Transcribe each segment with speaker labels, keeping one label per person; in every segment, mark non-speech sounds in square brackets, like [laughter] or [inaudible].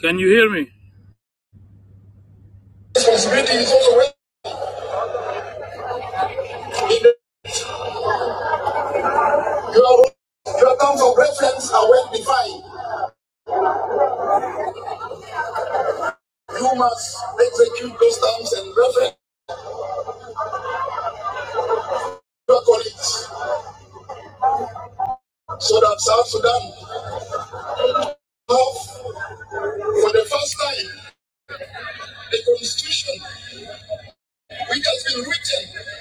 Speaker 1: Can you hear me? Responsibility is also when your, your terms of reference are well defined. You must execute those terms and reference your colleagues so that South Sudan have for the first time, the constitution, which has been written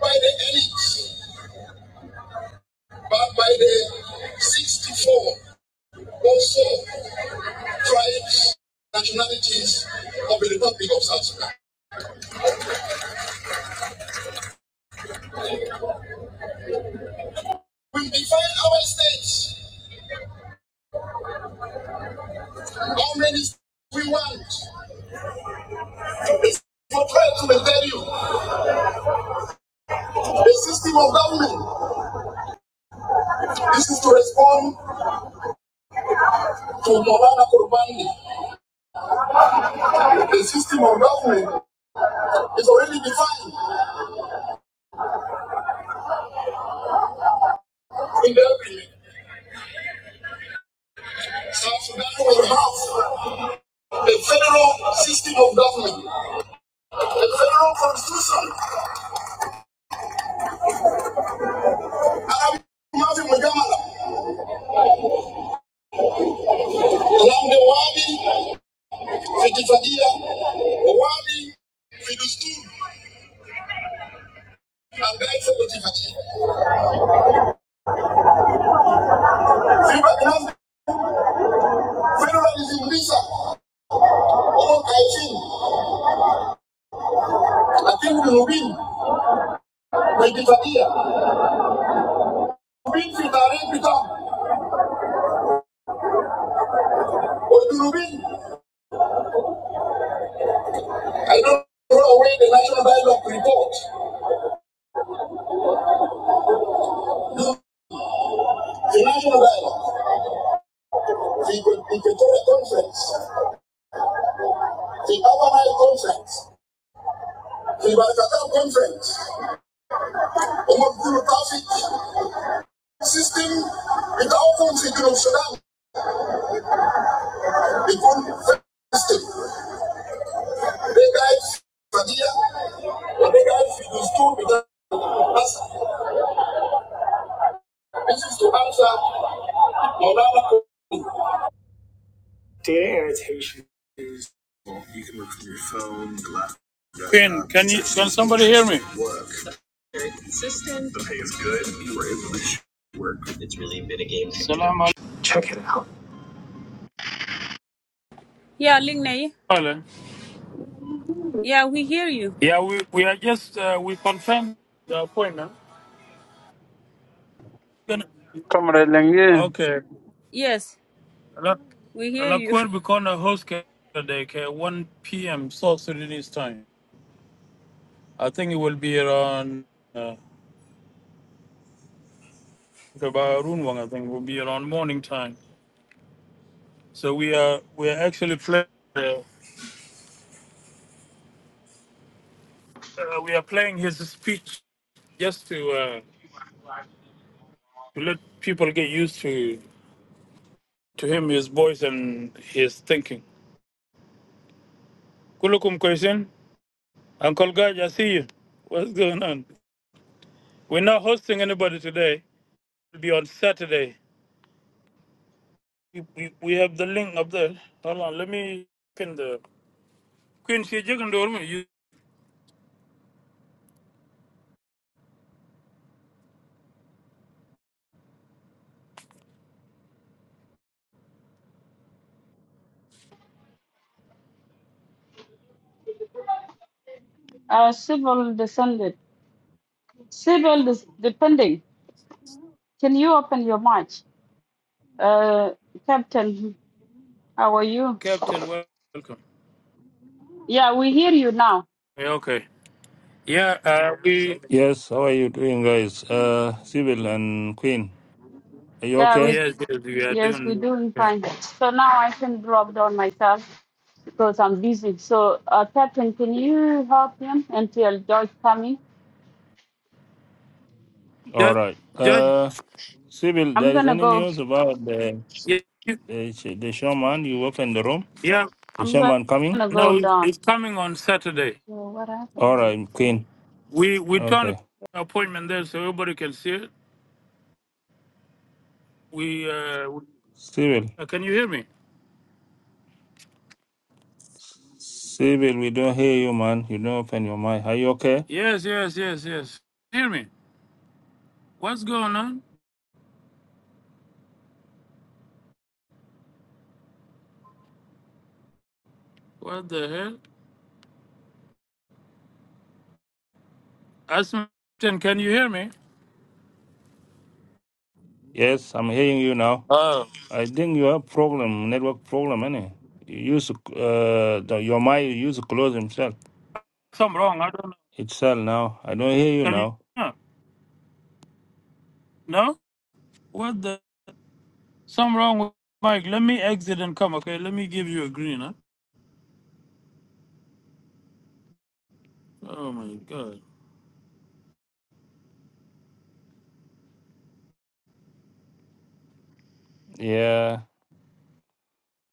Speaker 1: by the elites, but by the 64 also tribes, nationalities of the Republic of South Sudan. We define our states How many we want? It's for prayer to tell you. The system of government. This is to respond to Maulana Kurbani. The system of government is already defined in the agreement. South Sudan will have a federal system of government, a federal constitution. Arabi Mafi Mujamala, Lamde Wadi, Fitifadia, Wadi, Fidustun, and Guy Fidustun. Federal iliuliza wakae chini, lakini Mrubini waijitakia Mrubini fitarin vitamu Mrubini I don't throw away the national dialogue report. No, The national dialogue, the the Pretoria conference, the Avanai conference, the Barakatal conference, Omaguru traffic system, without considering Sudan, the good system. They irritation. Can can you can somebody hear me? It's really been a game. Salam alaikum. Check it out.
Speaker 2: Yeah, Lingney.
Speaker 1: alaikum.
Speaker 2: Yeah, we hear you.
Speaker 1: Yeah, we we are just uh, we confirmed the appointment. Can-
Speaker 3: Comrade Lengi,
Speaker 1: Okay.
Speaker 2: Yes,
Speaker 1: La
Speaker 2: we hear
Speaker 1: La
Speaker 2: you. [laughs]
Speaker 1: Cour become a host today, okay, 1 p.m. South Sudanese time. I think it will be around. uh, the Bahrain I think, will be around morning time. So we are we are actually playing. Uh, uh, we are playing his speech just to uh, to let people get used to to him, his voice, and his thinking. Kulukum question, Uncle Gaj, I see you. What's going on? We're not hosting anybody today. It'll be on Saturday. We, we, we have the link up there. Hold on, let me pin the Queen She Jigandorm. you,
Speaker 2: Uh, civil descended. Civil des- depending. Can you open your mic? Uh, Captain, how are you?
Speaker 1: Captain. Welcome.
Speaker 2: Yeah, we hear you now.
Speaker 1: Yeah, okay. Yeah, uh, we
Speaker 4: Yes, how are you doing, guys? Uh, Sybil and Queen, are you
Speaker 2: Yeah,
Speaker 4: okay?
Speaker 2: we
Speaker 1: Yes, yes, we are
Speaker 2: yes, we're
Speaker 1: doing.
Speaker 2: doing
Speaker 1: okay.
Speaker 2: fine. So now I can drop down myself because I'm busy. So uh, Captain, can you help him until George coming?
Speaker 4: All
Speaker 1: Judge,
Speaker 4: right.
Speaker 1: Judge,
Speaker 4: Uh, Sybil,
Speaker 2: I'm
Speaker 4: there is
Speaker 2: gonna
Speaker 4: any
Speaker 2: go.
Speaker 4: news about the
Speaker 1: yeah,
Speaker 4: the, sh- the shaman you opened the room?
Speaker 1: yeah,
Speaker 4: The
Speaker 2: I'm
Speaker 4: shaman coming?
Speaker 2: gonna go
Speaker 1: no, it's
Speaker 2: down.
Speaker 1: coming on Saturday.
Speaker 2: So what happened
Speaker 4: All
Speaker 2: now?
Speaker 4: right, Queen.
Speaker 1: We we turned an
Speaker 4: Okay,
Speaker 1: appointment there so everybody can see it. We, uh, we-
Speaker 4: Sybil.
Speaker 1: uh, can you hear me?
Speaker 4: Sybil, we don't hear you, man. You don't open your mic. Are you okay?
Speaker 1: Yes, yes, yes, yes. Hear me? What's going on? What the hell? Aston, can you hear me?
Speaker 4: Yes, I'm hearing you now.
Speaker 1: Oh,
Speaker 4: I think you have problem, network problem, anyway. You use uh the, your mic. You use close himself
Speaker 1: something wrong. I don't know.
Speaker 4: itself now. I don't hear you
Speaker 1: Can you?
Speaker 4: now.
Speaker 1: No. No? What the? Something wrong with Mike. Let me exit and come. Okay, let me give you a green. Huh? Oh my God.
Speaker 4: Yeah.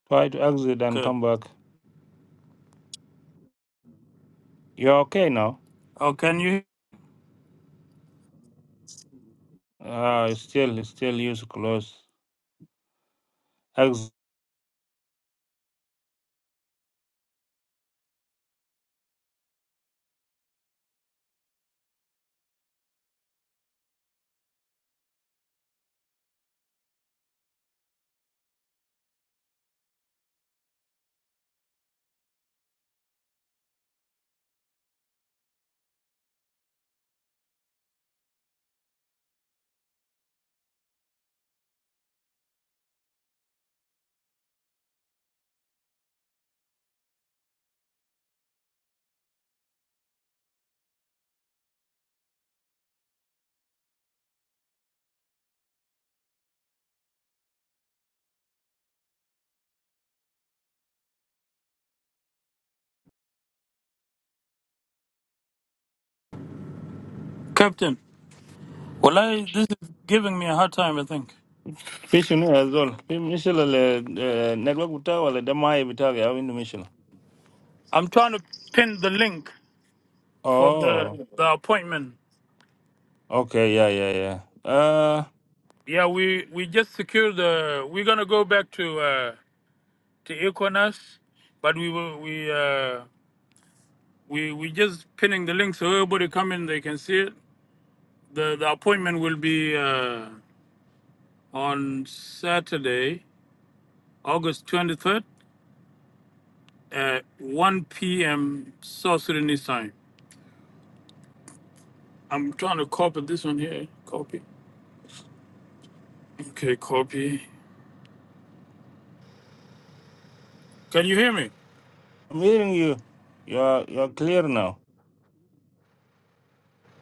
Speaker 4: Try to exit and
Speaker 1: Okay.
Speaker 4: come back. You're okay now.
Speaker 1: Oh, can you?
Speaker 4: Uh, still, still use close. Exit.
Speaker 1: Captain, well, I, this is giving me a hard time, I think.
Speaker 4: Mission as well. Mission le eh, network buta wala damai buta ya windu mission.
Speaker 1: I'm trying to pin the link for
Speaker 4: Oh,
Speaker 1: the the appointment.
Speaker 4: okay, yeah, yeah, yeah. Uh,
Speaker 1: Yeah, we, we just secured the. We're gonna go back to uh, to Equinas, but we will we uh, we we just pinning the link so everybody come in, they can see it. The the appointment will be uh, on Saturday, August 23rd at 1 p.m. South Sudanese time. I'm trying to copy this one here. Copy. Okay, copy. Can you hear me?
Speaker 4: I'm hearing you. You're you're clear now.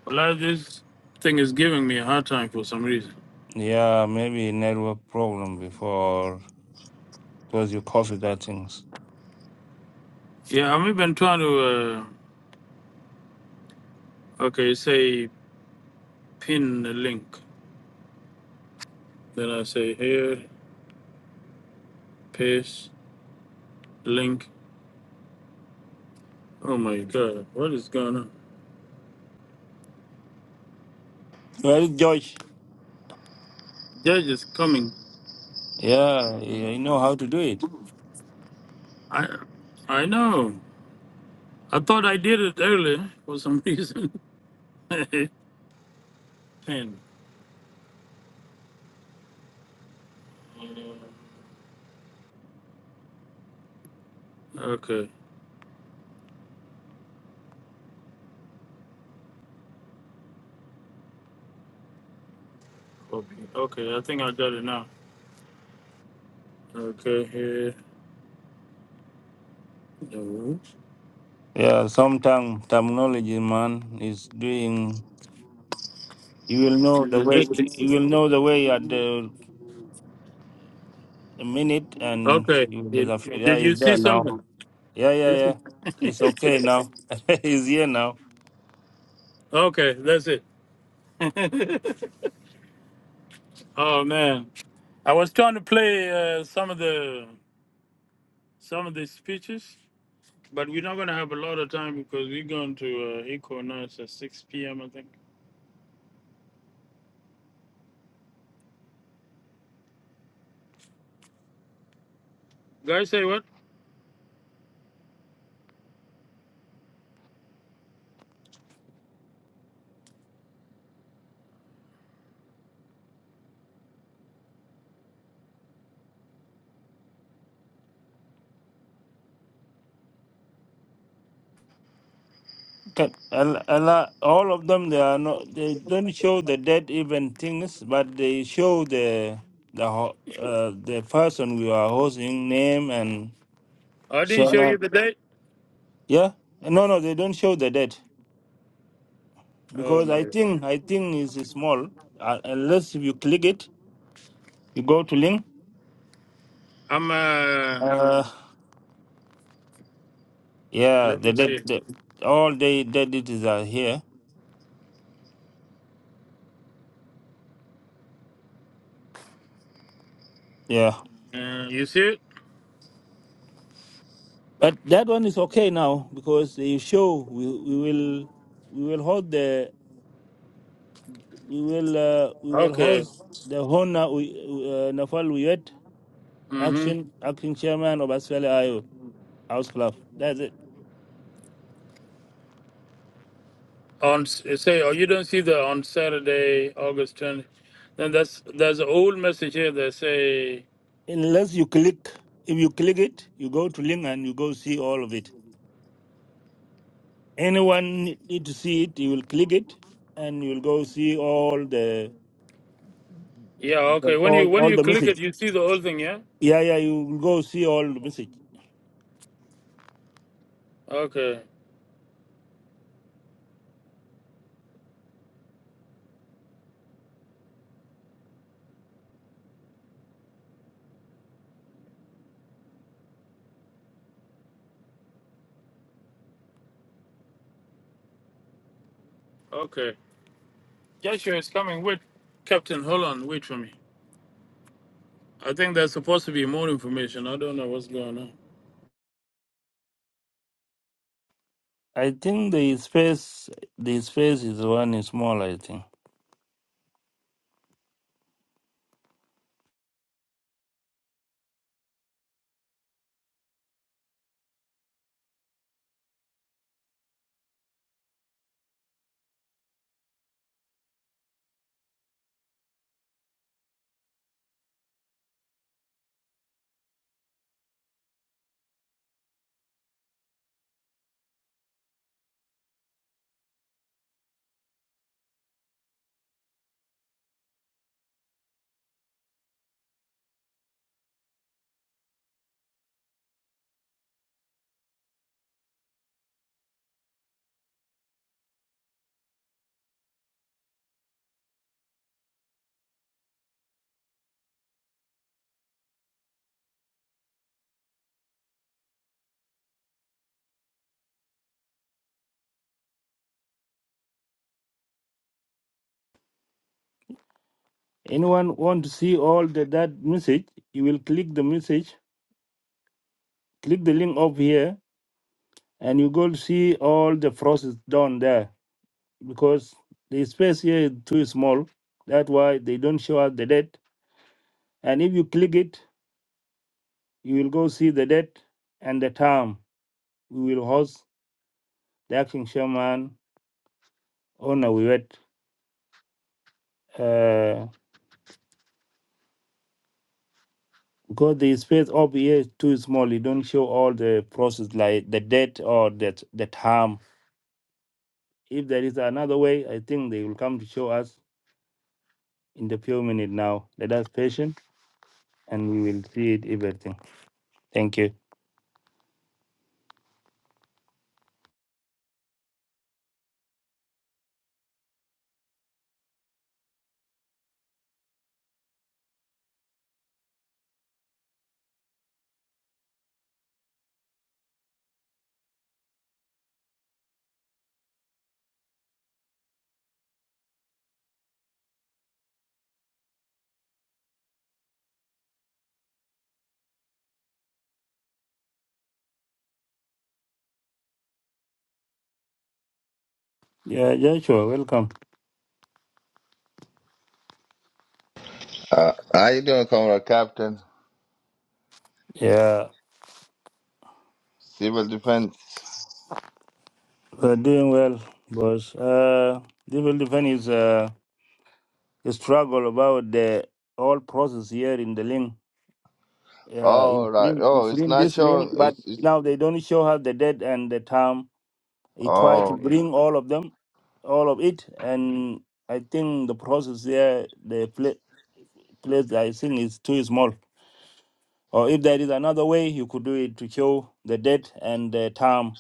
Speaker 1: Well, this thing is giving me a hard time for some reason.
Speaker 4: Yeah, maybe network problem before because you coffee that things.
Speaker 1: Yeah, I've been trying to, uh, okay, say pin the link. Then I say here, paste, link. Oh my God, what is going on?
Speaker 4: Well, George.
Speaker 1: Judge is coming.
Speaker 4: Yeah, you you know how to do it.
Speaker 1: I, I know. I thought I did it earlier for some [laughs] reason. pin. Okay, copy. Okay, I think I got it now. Okay, here. No.
Speaker 4: Yeah, sometimes terminology, man, is doing You will know the
Speaker 1: Is
Speaker 4: way. You will
Speaker 1: it?
Speaker 4: know the way at the minute, and
Speaker 1: Okay.
Speaker 4: you will be afraid.
Speaker 1: Did,
Speaker 4: Yeah,
Speaker 1: did
Speaker 4: he's
Speaker 1: you see
Speaker 4: there now.
Speaker 1: something?
Speaker 4: Yeah, yeah,
Speaker 1: [laughs]
Speaker 4: yeah. It's
Speaker 1: Yes.
Speaker 4: okay now. [laughs] he's here now.
Speaker 1: okay, that's it. [laughs] oh man, I was trying to play uh, some of the some of the speeches, but we're not gonna have a lot of time because we're going to uh, Eco now. It's at six p.m. I think. Guys, say what?
Speaker 4: Can- Al- Allah, all of them, they are not. They don't show the dead even things, but they show the the ho- uh, the person we are hosting name and
Speaker 1: I didn't show you
Speaker 4: Shana.
Speaker 1: the date.
Speaker 4: Yeah. No, no, they don't show the dead
Speaker 1: Oh
Speaker 4: because
Speaker 1: my
Speaker 4: I
Speaker 1: god.
Speaker 4: think I think it's small. Uh, unless if you click it, you go to link.
Speaker 1: I'm uh.
Speaker 4: Uh, Yeah,
Speaker 1: Let me
Speaker 4: the, the,
Speaker 1: see.
Speaker 4: the all the identities are here. Yeah,
Speaker 1: Uh, you see it?
Speaker 4: but that one is okay now because the show we we will we will hold the we will uh, we will
Speaker 1: Okay.
Speaker 4: host the Hona uh, Nafal Wiyet
Speaker 1: Mm-hmm.
Speaker 4: action acting chairman of Australia IO House Club. That's it.
Speaker 1: on say oh you don't see the on saturday august 20 then that's there's an old message here that say
Speaker 4: Unless you click, if you click it, you go to link and you go see all of it. Anyone need to see it, you will click it and you will go see all the
Speaker 1: yeah okay when
Speaker 4: all,
Speaker 1: you when
Speaker 4: all
Speaker 1: you
Speaker 4: the
Speaker 1: click
Speaker 4: message.
Speaker 1: it you see the whole thing yeah
Speaker 4: Yeah, yeah, you will go see all the message.
Speaker 1: okay okay joshua is coming wait captain hold on wait for me i think there's supposed to be more information i don't know what's going on
Speaker 4: I think the space, the space is one is small. I think anyone want to see all the that message, you will click the message, click the link up here, and you go to see all the process down there because the space here is too small. That's why they don't show us the date. And if you click it, you will go see the date and the time. We will host the action shaman on a website. Because the space over here is too small, it don't show all the process like the date or that the time. If there is another way, I think they will come to show us in the few minutes now. Let us patient and we will see it everything. Thank you. Yeah, Joshua, welcome.
Speaker 5: Uh, how you doing, Comrade Captain?
Speaker 4: Yeah,
Speaker 5: Civil defense.
Speaker 4: we're doing well, boss. Uh, this will defend his uh, his struggle about the whole process here in the link. Yeah, uh,
Speaker 5: All right. Oh,
Speaker 4: it's
Speaker 5: it's
Speaker 4: in
Speaker 5: not
Speaker 4: this link,
Speaker 5: showing.
Speaker 4: but
Speaker 5: It's it's.
Speaker 4: now they don't show us the date and the time He tried to
Speaker 5: Oh,
Speaker 4: bring all of them, all of it, and I think the process there, the pla- place I think is too small. Or if there is another way, you could do it to show the date and the time.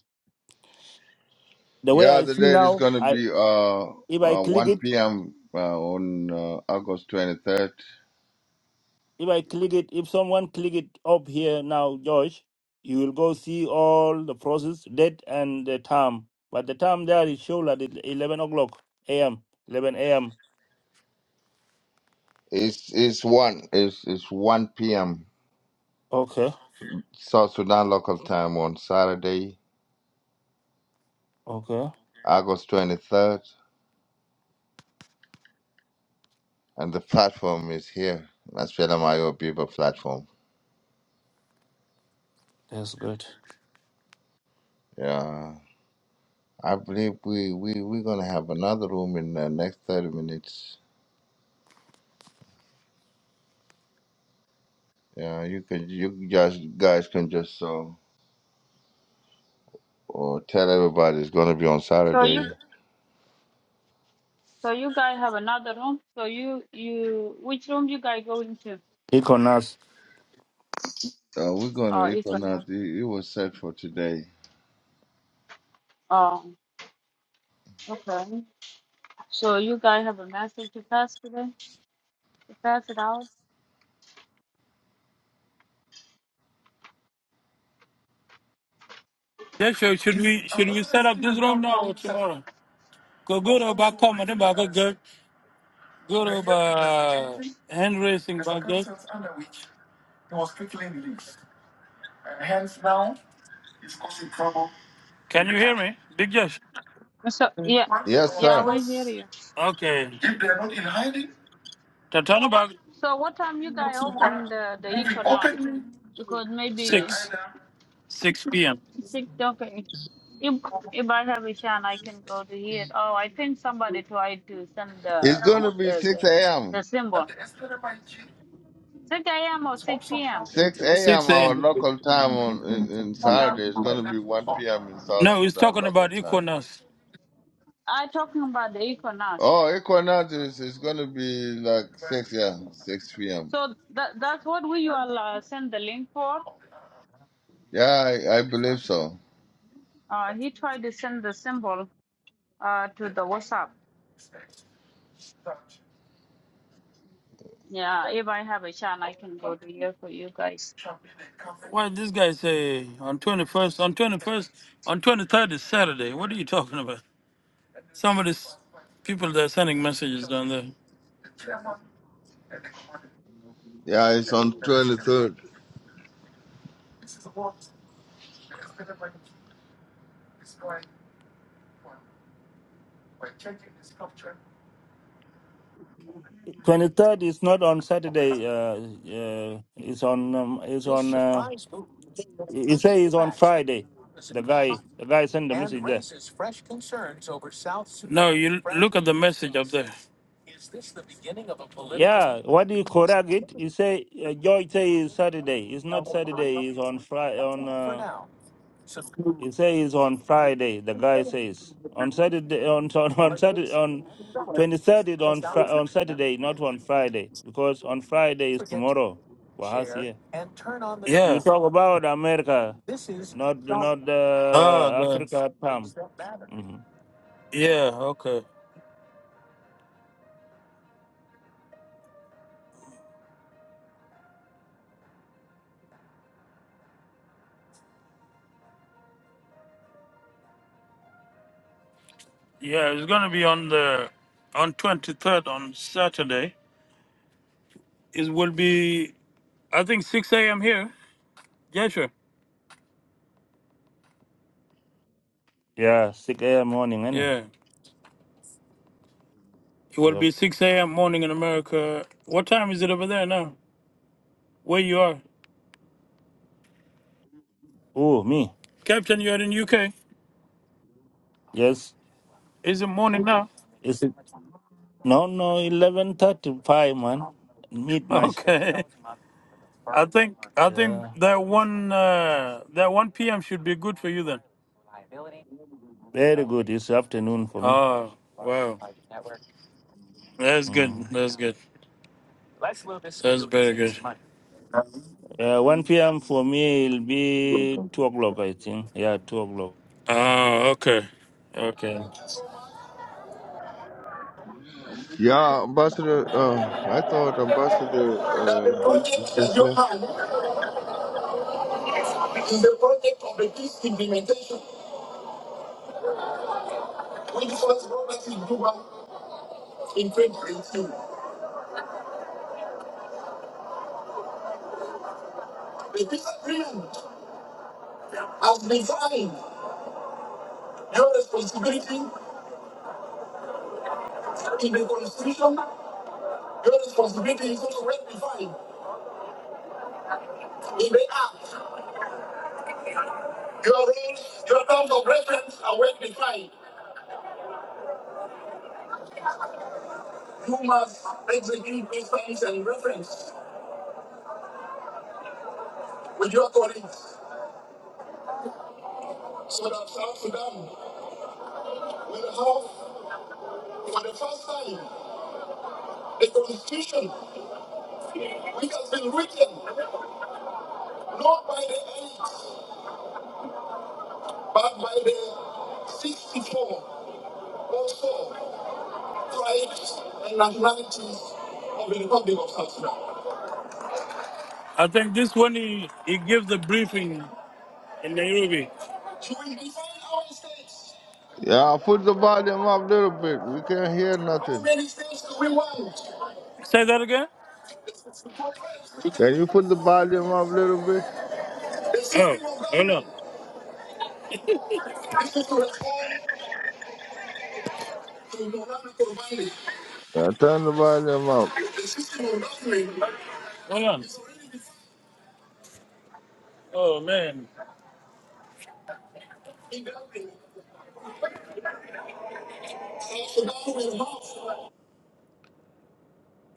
Speaker 4: The way
Speaker 5: yeah.
Speaker 4: I
Speaker 5: The
Speaker 4: see
Speaker 5: date is
Speaker 4: now,
Speaker 5: gonna
Speaker 4: I
Speaker 5: be uh,
Speaker 4: if I
Speaker 5: uh
Speaker 4: click
Speaker 5: 1
Speaker 4: it,
Speaker 5: p.m. Uh, on uh, August 23rd.
Speaker 4: if I click it, if someone click it up here now, George, you will go see all the process, date and the time. But the time there is shown at eleven o'clock a.m. Eleven a.m.
Speaker 5: It's it's one. It's it's 1 p.m.
Speaker 4: Okay,
Speaker 5: South Sudan local time on Saturday,
Speaker 4: okay,
Speaker 5: August 23rd, and the platform is here. That's Mayo People platform.
Speaker 4: that's good.
Speaker 5: Yeah. I believe we we we're gonna have another room in the next 30 minutes. Yeah, you could you guys guys can just uh, or tell everybody it's gonna be on
Speaker 2: So
Speaker 5: Saturday.
Speaker 2: you So you guys have another room. So you you which room you guys going to?
Speaker 4: Econas.
Speaker 5: Uh, we're going
Speaker 2: Oh,
Speaker 5: to
Speaker 2: it's another.
Speaker 5: Equinox. It, it was set for today.
Speaker 2: Oh, okay. So you guys have a message to pass today? To pass it out?
Speaker 1: joshua should we should we set up this room now or tomorrow go go to back home and then back again. go to uh, hand raising back there. can you hear me big josh
Speaker 2: So yeah,
Speaker 5: Yes,
Speaker 2: yeah,
Speaker 5: sir.
Speaker 2: we hear you.
Speaker 1: okay They're talking about
Speaker 2: So what time you guys open the the Econos? Because maybe
Speaker 1: six six p.m.
Speaker 2: six. Okay, if if I have a chance, I can go to here. Oh, I think somebody tried to send
Speaker 5: It's
Speaker 2: the
Speaker 5: gonna be
Speaker 2: the
Speaker 5: six
Speaker 2: the, the
Speaker 5: a.m.
Speaker 2: symbol. Six a.m. or six p.m.
Speaker 5: Six
Speaker 1: six
Speaker 5: a.m. our
Speaker 1: a.m.
Speaker 5: local time on in, in Saturday. It's gonna be one p.m. in South
Speaker 1: No, he's
Speaker 5: Sudan
Speaker 1: talking
Speaker 5: local
Speaker 1: about
Speaker 5: time.
Speaker 1: Equinox.
Speaker 2: I talking about the Econos.
Speaker 5: Oh, Equinox is, is gonna be like six yeah six p.m.
Speaker 2: So that that's what we will uh, send the link for.
Speaker 5: Yeah, I, I believe so.
Speaker 2: Uh, he tried to send the symbol uh, to the WhatsApp. Yeah, if I have a chance, I can go to here for you guys.
Speaker 1: Why this guy say on twenty first, on twenty first, on twenty third is Saturday. What are you talking about? Some of these people that are sending messages down there.
Speaker 5: Yeah, it's on twenty third.
Speaker 4: 23rd is not on Saturday. Uh, uh, it's on. Um, it's on. Uh, he say it's on Friday. The guy. The guy sent the message there.
Speaker 1: No, you l- look at the message up there.
Speaker 4: Yeah. What do you correct it? He say uh, Joy say it's Saturday. It's not Saturday. It's on Friday. On. Uh, he say it's on Friday. The guy says on Saturday. On [laughs] on, on Saturday on. 23rd is on, Fri on Saturday, not on Friday, because on Friday is tomorrow for us here. You
Speaker 1: Yeah.
Speaker 4: talk about America, not not
Speaker 1: Oh,
Speaker 4: uh,
Speaker 1: the,
Speaker 4: Africa Palm. hmm
Speaker 1: yeah. Okay. Yeah, it's gonna be on the on twenty third on Saturday. It will be I think six AM here. Yeah, sure.
Speaker 4: Yeah, six a.m. morning, any?
Speaker 1: Yeah. It will
Speaker 4: Yep.
Speaker 1: be six AM morning in America. What time is it over there now? Where you are?
Speaker 4: Oh, me?
Speaker 1: Captain, you're in UK.
Speaker 4: Yes.
Speaker 1: Is it morning now? [laughs]
Speaker 4: Is it? No, no, eleven thirty-five, man. Midnight.
Speaker 1: Okay. I think I think
Speaker 4: Yeah.
Speaker 1: that one uh, that one PM should be good for you then.
Speaker 4: Very good. It's afternoon for me.
Speaker 1: Oh wow. That's good.
Speaker 4: Mm.
Speaker 1: That's good. That's very good.
Speaker 4: Uh, one p.m. for me will be two o'clock, I think. Yeah, two o'clock.
Speaker 1: Oh, okay. Okay.
Speaker 5: Yeah, Ambassador. Uh, I thought Ambassador uh is just left.
Speaker 1: We have, for the first time, a constitution which has been written not by the eight, but by the 64 or so tribes and nationalities of the Republic of South Sudan. I think this one he, he gives the briefing in Nairobi. So we define our states.
Speaker 5: Yeah, put the volume up a little bit. We can't hear
Speaker 1: How
Speaker 5: nothing.
Speaker 1: many states do we want? Say that again? The sixty-four tribes.
Speaker 5: Can you
Speaker 1: The
Speaker 5: put the volume up a little bit?
Speaker 1: system of Oh, hello. This is to respond to Leonardo Corvallis.
Speaker 5: Uh, turn the volume up.
Speaker 1: Hold on. Oh man.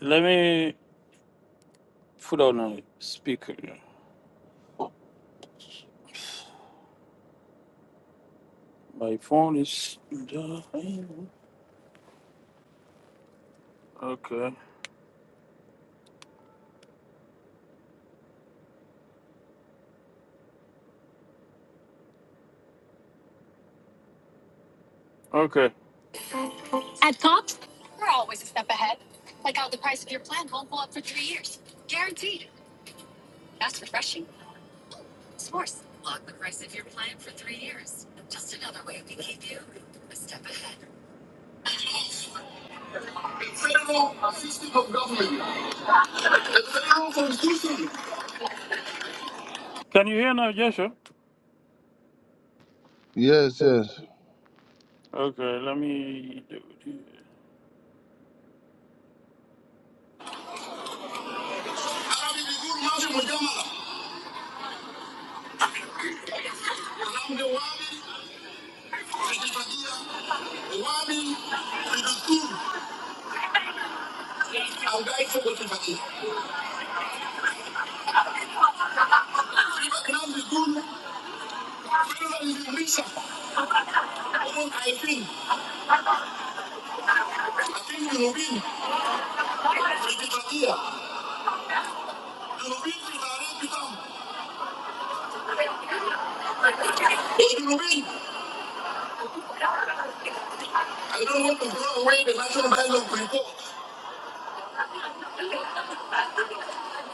Speaker 1: Let me put on a speaker. My phone is dying. Okay. Okay. Can you hear now, Joshua?
Speaker 5: Yes, yes.
Speaker 1: Okay, let me do it. I'm grateful with you. Riba Knam is good. Riba is in Misha. Omun Kaifin. Akin Yunubin. Rikibatia. Yunubin Fitare Pitam. Yunubin. I don't want to throw away the national dialogue report.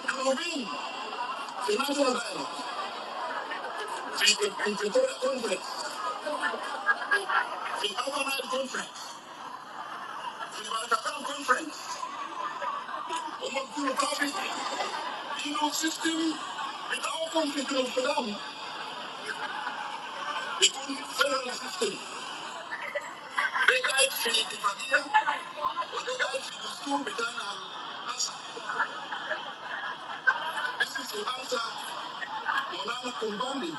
Speaker 1: Yunubin. The national dialogue. The Pretoria Conference. The Overnight Conference. The Barakatam Conference. Omun Kuru Profit. Inu system. Without conflict of Sudan. It will federal system. They guide Philippe Padia. This is the answer. We are not combining.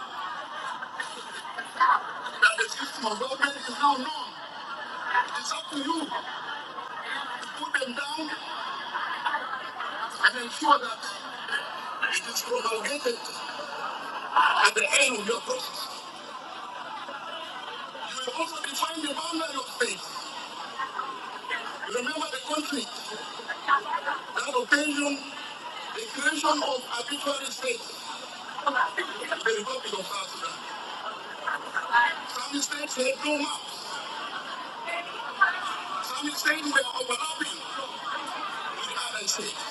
Speaker 1: That the system of government is now known. It's up to you to put them down and ensure that it is properly ended at the end of your term. You will also define the boundaries of state. You remember the country that occasion the creation of arbitrary states. They will not be allowed to exist. Some states will grow up. Some states will overlap with other states.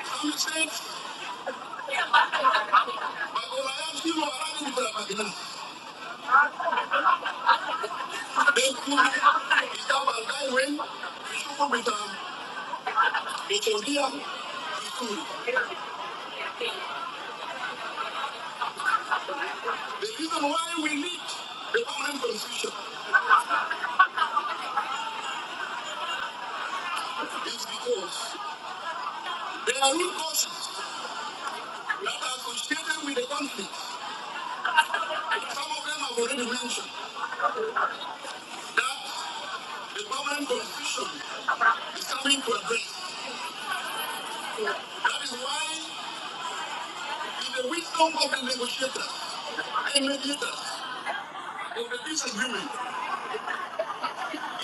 Speaker 1: Some states. The reason why we need the permanent constitution is because there are root causes that are associated with the conflict. Some of them have already mentioned that the permanent constitution is coming to address. That is why, in the wisdom of the negotiators and mediators of the peace agreement,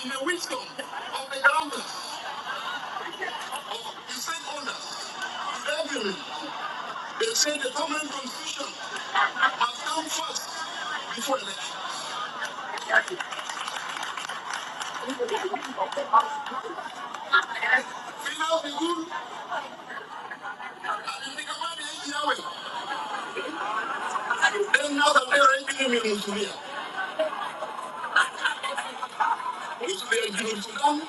Speaker 1: in the wisdom of the grounders, the stakeholders, the revenue, they say the common confusion must come first before election. Fill out the good and you think about Yahweh. Then now that they're entering in Musulia, Musulia is in Sudan,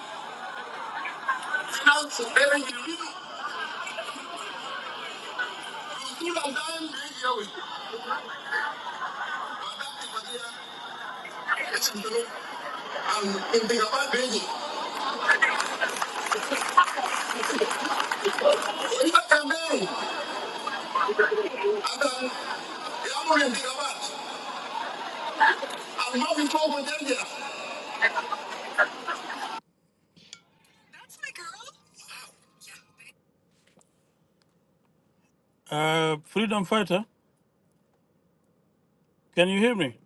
Speaker 1: fill out the very Yahweh. Musulia dying the Yahweh. But that is what they are. It's in Sudan. And in Tigabad, Beji. In that campaign, and then Yamul in Tigabad. And now we talk with India. Uh, freedom fighter. Can you hear me?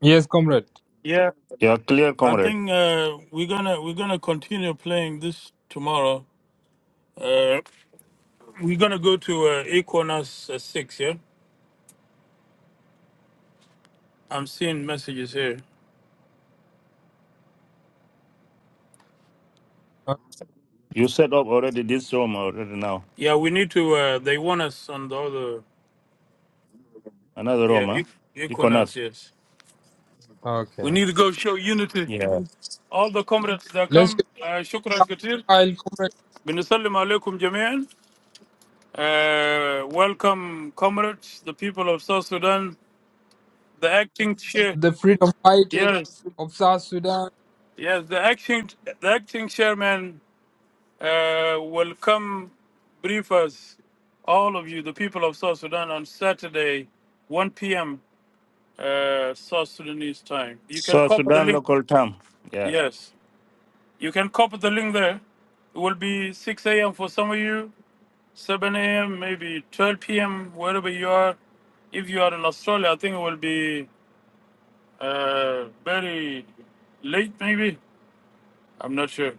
Speaker 6: Yes, comrade.
Speaker 1: Yeah,
Speaker 4: Yeah, clear,
Speaker 1: I
Speaker 4: comrade.
Speaker 1: think uh, we're gonna we're gonna continue playing this tomorrow. Uh, we're gonna go to uh, Equinox uh, six. Yeah, I'm seeing messages here.
Speaker 6: O-
Speaker 4: You set up already this room already now.
Speaker 1: Yeah, we need to. Uh, they want us on the other.
Speaker 4: Another
Speaker 1: Yeah,
Speaker 4: room, huh?
Speaker 1: E-
Speaker 4: You cannot.
Speaker 1: Equinox. Yes,
Speaker 6: Okay.
Speaker 1: we need to go show unity.
Speaker 4: Yeah.
Speaker 1: All the comrades that
Speaker 6: Let's
Speaker 1: come. Uh, shukran katir.
Speaker 6: file, comrade,
Speaker 1: Binasallim alaikum jamian. Uh, welcome, comrades, the people of South Sudan, the acting chair.
Speaker 6: the freedom fighters
Speaker 1: Yes.
Speaker 6: of South Sudan.
Speaker 1: Yes, the acting the acting chairman uh, will come brief us, all of you, the people of South Sudan, on Saturday, 1 p.m. Uh, South Sudanese time. You can
Speaker 4: So
Speaker 1: copy the
Speaker 4: Sudan
Speaker 1: link.
Speaker 4: local term. Yeah.
Speaker 1: Yes, you can copy the link there. It will be 6 a.m. for some of you, 7 a.m. maybe 12 p.m. wherever you are. If you are in Australia, I think it will be uh, very late. Maybe I'm not sure.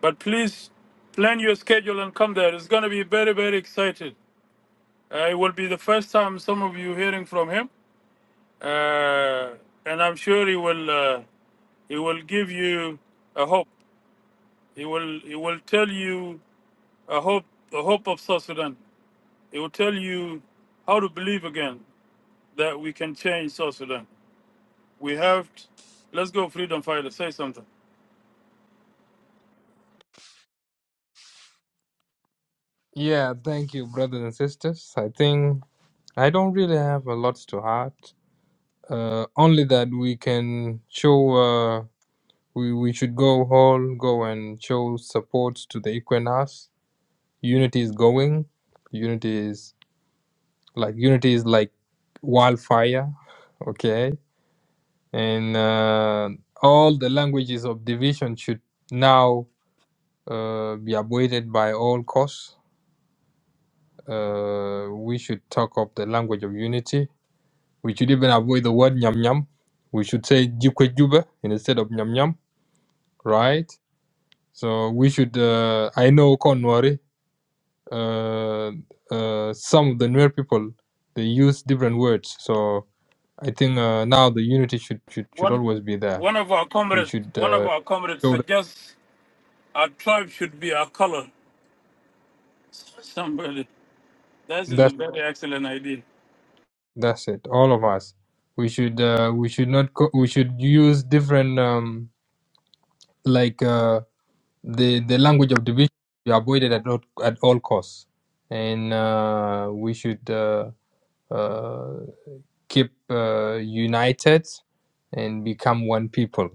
Speaker 1: But please plan your schedule and come there. It's going to be very, very excited. Uh, it will be the first time some of you hearing from him, uh, and I'm sure he will. Uh, he will give you a hope. He will. He will tell you a hope. The hope of South Sudan. He will tell you how to believe again that we can change South Sudan. We have. t- let's go, freedom fighter. Say something.
Speaker 6: Yeah, thank you, brothers and sisters. I think I don't really have a lot to add. Uh, only that we can show, uh, we, we should go all go and show support to the Equinas. Unity is going. Unity is like, unity is like wildfire. Okay. and uh, all the languages of division should now uh, be avoided by all costs. Uh, we should talk of the language of unity. We should even avoid the word nyam nyam. We should say jukwe juba instead of nyam nyam, right? So we should. Uh, I know Konwari. Uh, uh, some of the Nuer people they use different words. So I think uh, now the unity should should should
Speaker 1: One.
Speaker 6: always be there.
Speaker 1: One of our
Speaker 6: We
Speaker 1: comrades.
Speaker 6: should
Speaker 1: One of
Speaker 6: uh,
Speaker 1: our comrades
Speaker 6: show
Speaker 1: suggests our tribe should be our color Somebody, that is a
Speaker 6: that.
Speaker 1: very excellent idea.
Speaker 6: That's it. All of us. We should uh, we should not co- we should use different um, like uh, the the language of division should be avoided at all, at all costs, and uh, we should uh, uh, keep uh, united and become one people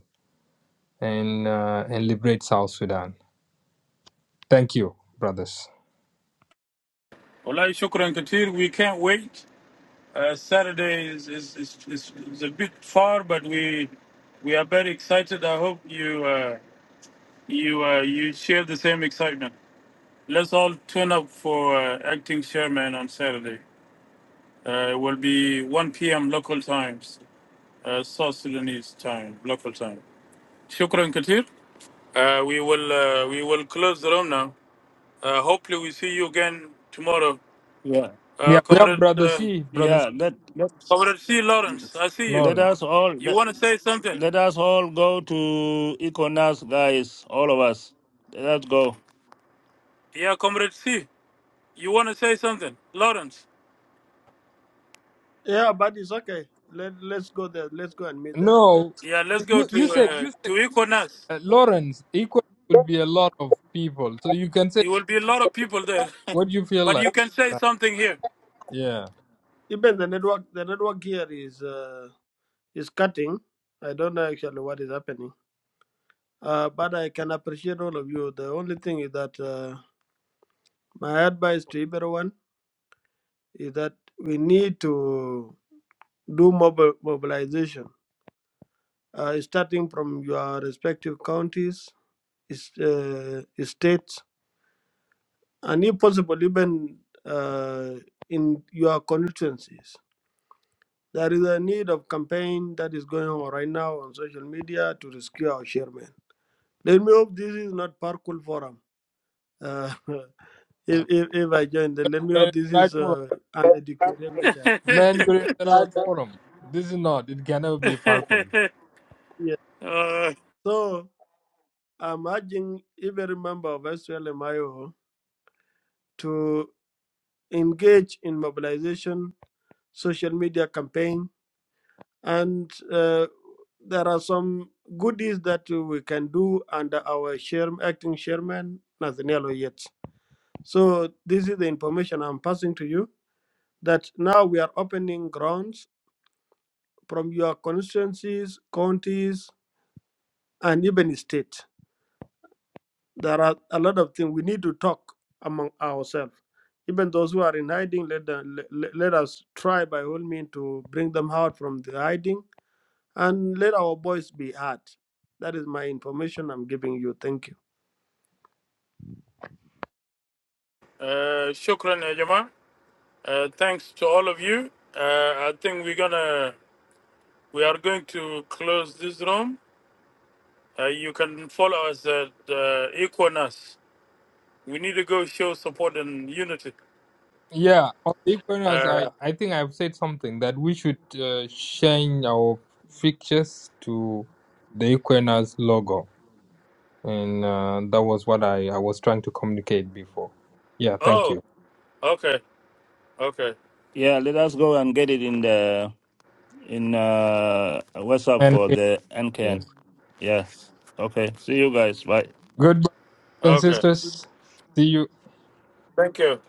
Speaker 6: and uh, and liberate South Sudan. Thank you, brothers.
Speaker 1: Well, shukran kathir. We can't wait. Uh, Saturday is is, is, is is a bit far, but we we are very excited. I hope you uh, you uh, you share the same excitement. Let's all tune up for uh, acting chairman on Saturday. Uh, it will be 1 p.m. local times, uh, South Sudanese time, local time. Shukran kathir. Uh, we will uh, we will close the room now. Uh, hopefully, we see you again tomorrow.
Speaker 4: Yeah.
Speaker 6: Yeah,
Speaker 1: Uh,
Speaker 6: we have
Speaker 1: Comrade,
Speaker 6: brother
Speaker 1: uh,
Speaker 6: C, brother C,
Speaker 4: Yeah. Let let
Speaker 1: Comrade C. Lawrence, I see you.
Speaker 4: let
Speaker 6: Lawrence.
Speaker 4: us all
Speaker 1: You
Speaker 4: let,
Speaker 1: want to say something?
Speaker 4: let us all go to Econas guys, all of us. Let us go.
Speaker 1: Yeah, Comrade C. You want to say something? Lawrence.
Speaker 7: Yeah, but it's okay. Let let's go there. Let's go and meet there.
Speaker 6: No,
Speaker 1: Yeah, let's go
Speaker 6: you,
Speaker 1: to
Speaker 6: you said
Speaker 1: uh,
Speaker 6: you
Speaker 1: to Equinox.
Speaker 6: Uh, Lawrence, equal will be a lot of people. So you can say
Speaker 1: There will be a lot of people there, [laughs]
Speaker 6: what you feel
Speaker 1: but
Speaker 6: like.
Speaker 1: you can say
Speaker 6: Right.
Speaker 1: something here.
Speaker 6: Yeah.
Speaker 7: Even the network the network here is uh is cutting. I don't know actually what is happening. Uh but I can appreciate all of you. The only thing is that uh my advice to everyone is that we need to do mobile mobilization. Uh starting from your respective counties, is uh, states and if possible even uh in your constituencies There is a need of campaign that is going on right now on social media to rescue our chairman. Let me hope this is not parkour forum. Uh, [laughs] if, if if I join, then let me
Speaker 6: But
Speaker 7: hope
Speaker 6: it's
Speaker 7: this
Speaker 6: right
Speaker 7: is
Speaker 6: forum.
Speaker 7: uh, an educated
Speaker 1: [laughs] uh,
Speaker 7: amateur.
Speaker 6: Man, you're in the
Speaker 7: So
Speaker 6: right forum. This is not. It can never be a Farkle.
Speaker 7: yeah. So I'm urging every member of SLMIO to engage in mobilization, social media campaign, and uh, there are some goodies that we can do under our chair, acting chairman Nathaniel Oyet. So this is the information I'm passing to you that now we are opening grounds from your constituencies, counties, and even state. There are a lot of things we need to talk among ourselves. Even those who are in hiding, let, them, le- let us try by all means to bring them out from the hiding and let our voice be heard. That is my information I'm giving you. Thank you.
Speaker 1: uh, shukran, ya Jamaa. Uh, thanks to all of you. Uh, I think we're gonna we are going to close this room. Uh, you can follow us at uh, Equinox. We need to go show support and unity.
Speaker 6: Yeah. On the equinox, I,
Speaker 1: Uh,
Speaker 6: I think I've said something that we should uh, change our pictures to the equinox logo. And uh, that was what I, I was trying to communicate before. Yeah. Thank
Speaker 1: oh,
Speaker 6: you.
Speaker 1: okay, okay,
Speaker 4: Yeah, let us go and get it in the in uh WhatsApp
Speaker 6: And
Speaker 4: for the
Speaker 6: yeah.
Speaker 4: NKN. Yeah. Okay. See you guys. Bye.
Speaker 6: goodbye, brothers and
Speaker 1: okay.
Speaker 6: sisters. See you.
Speaker 1: Thank you.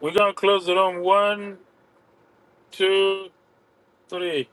Speaker 1: We're gonna close the room. One, two, three.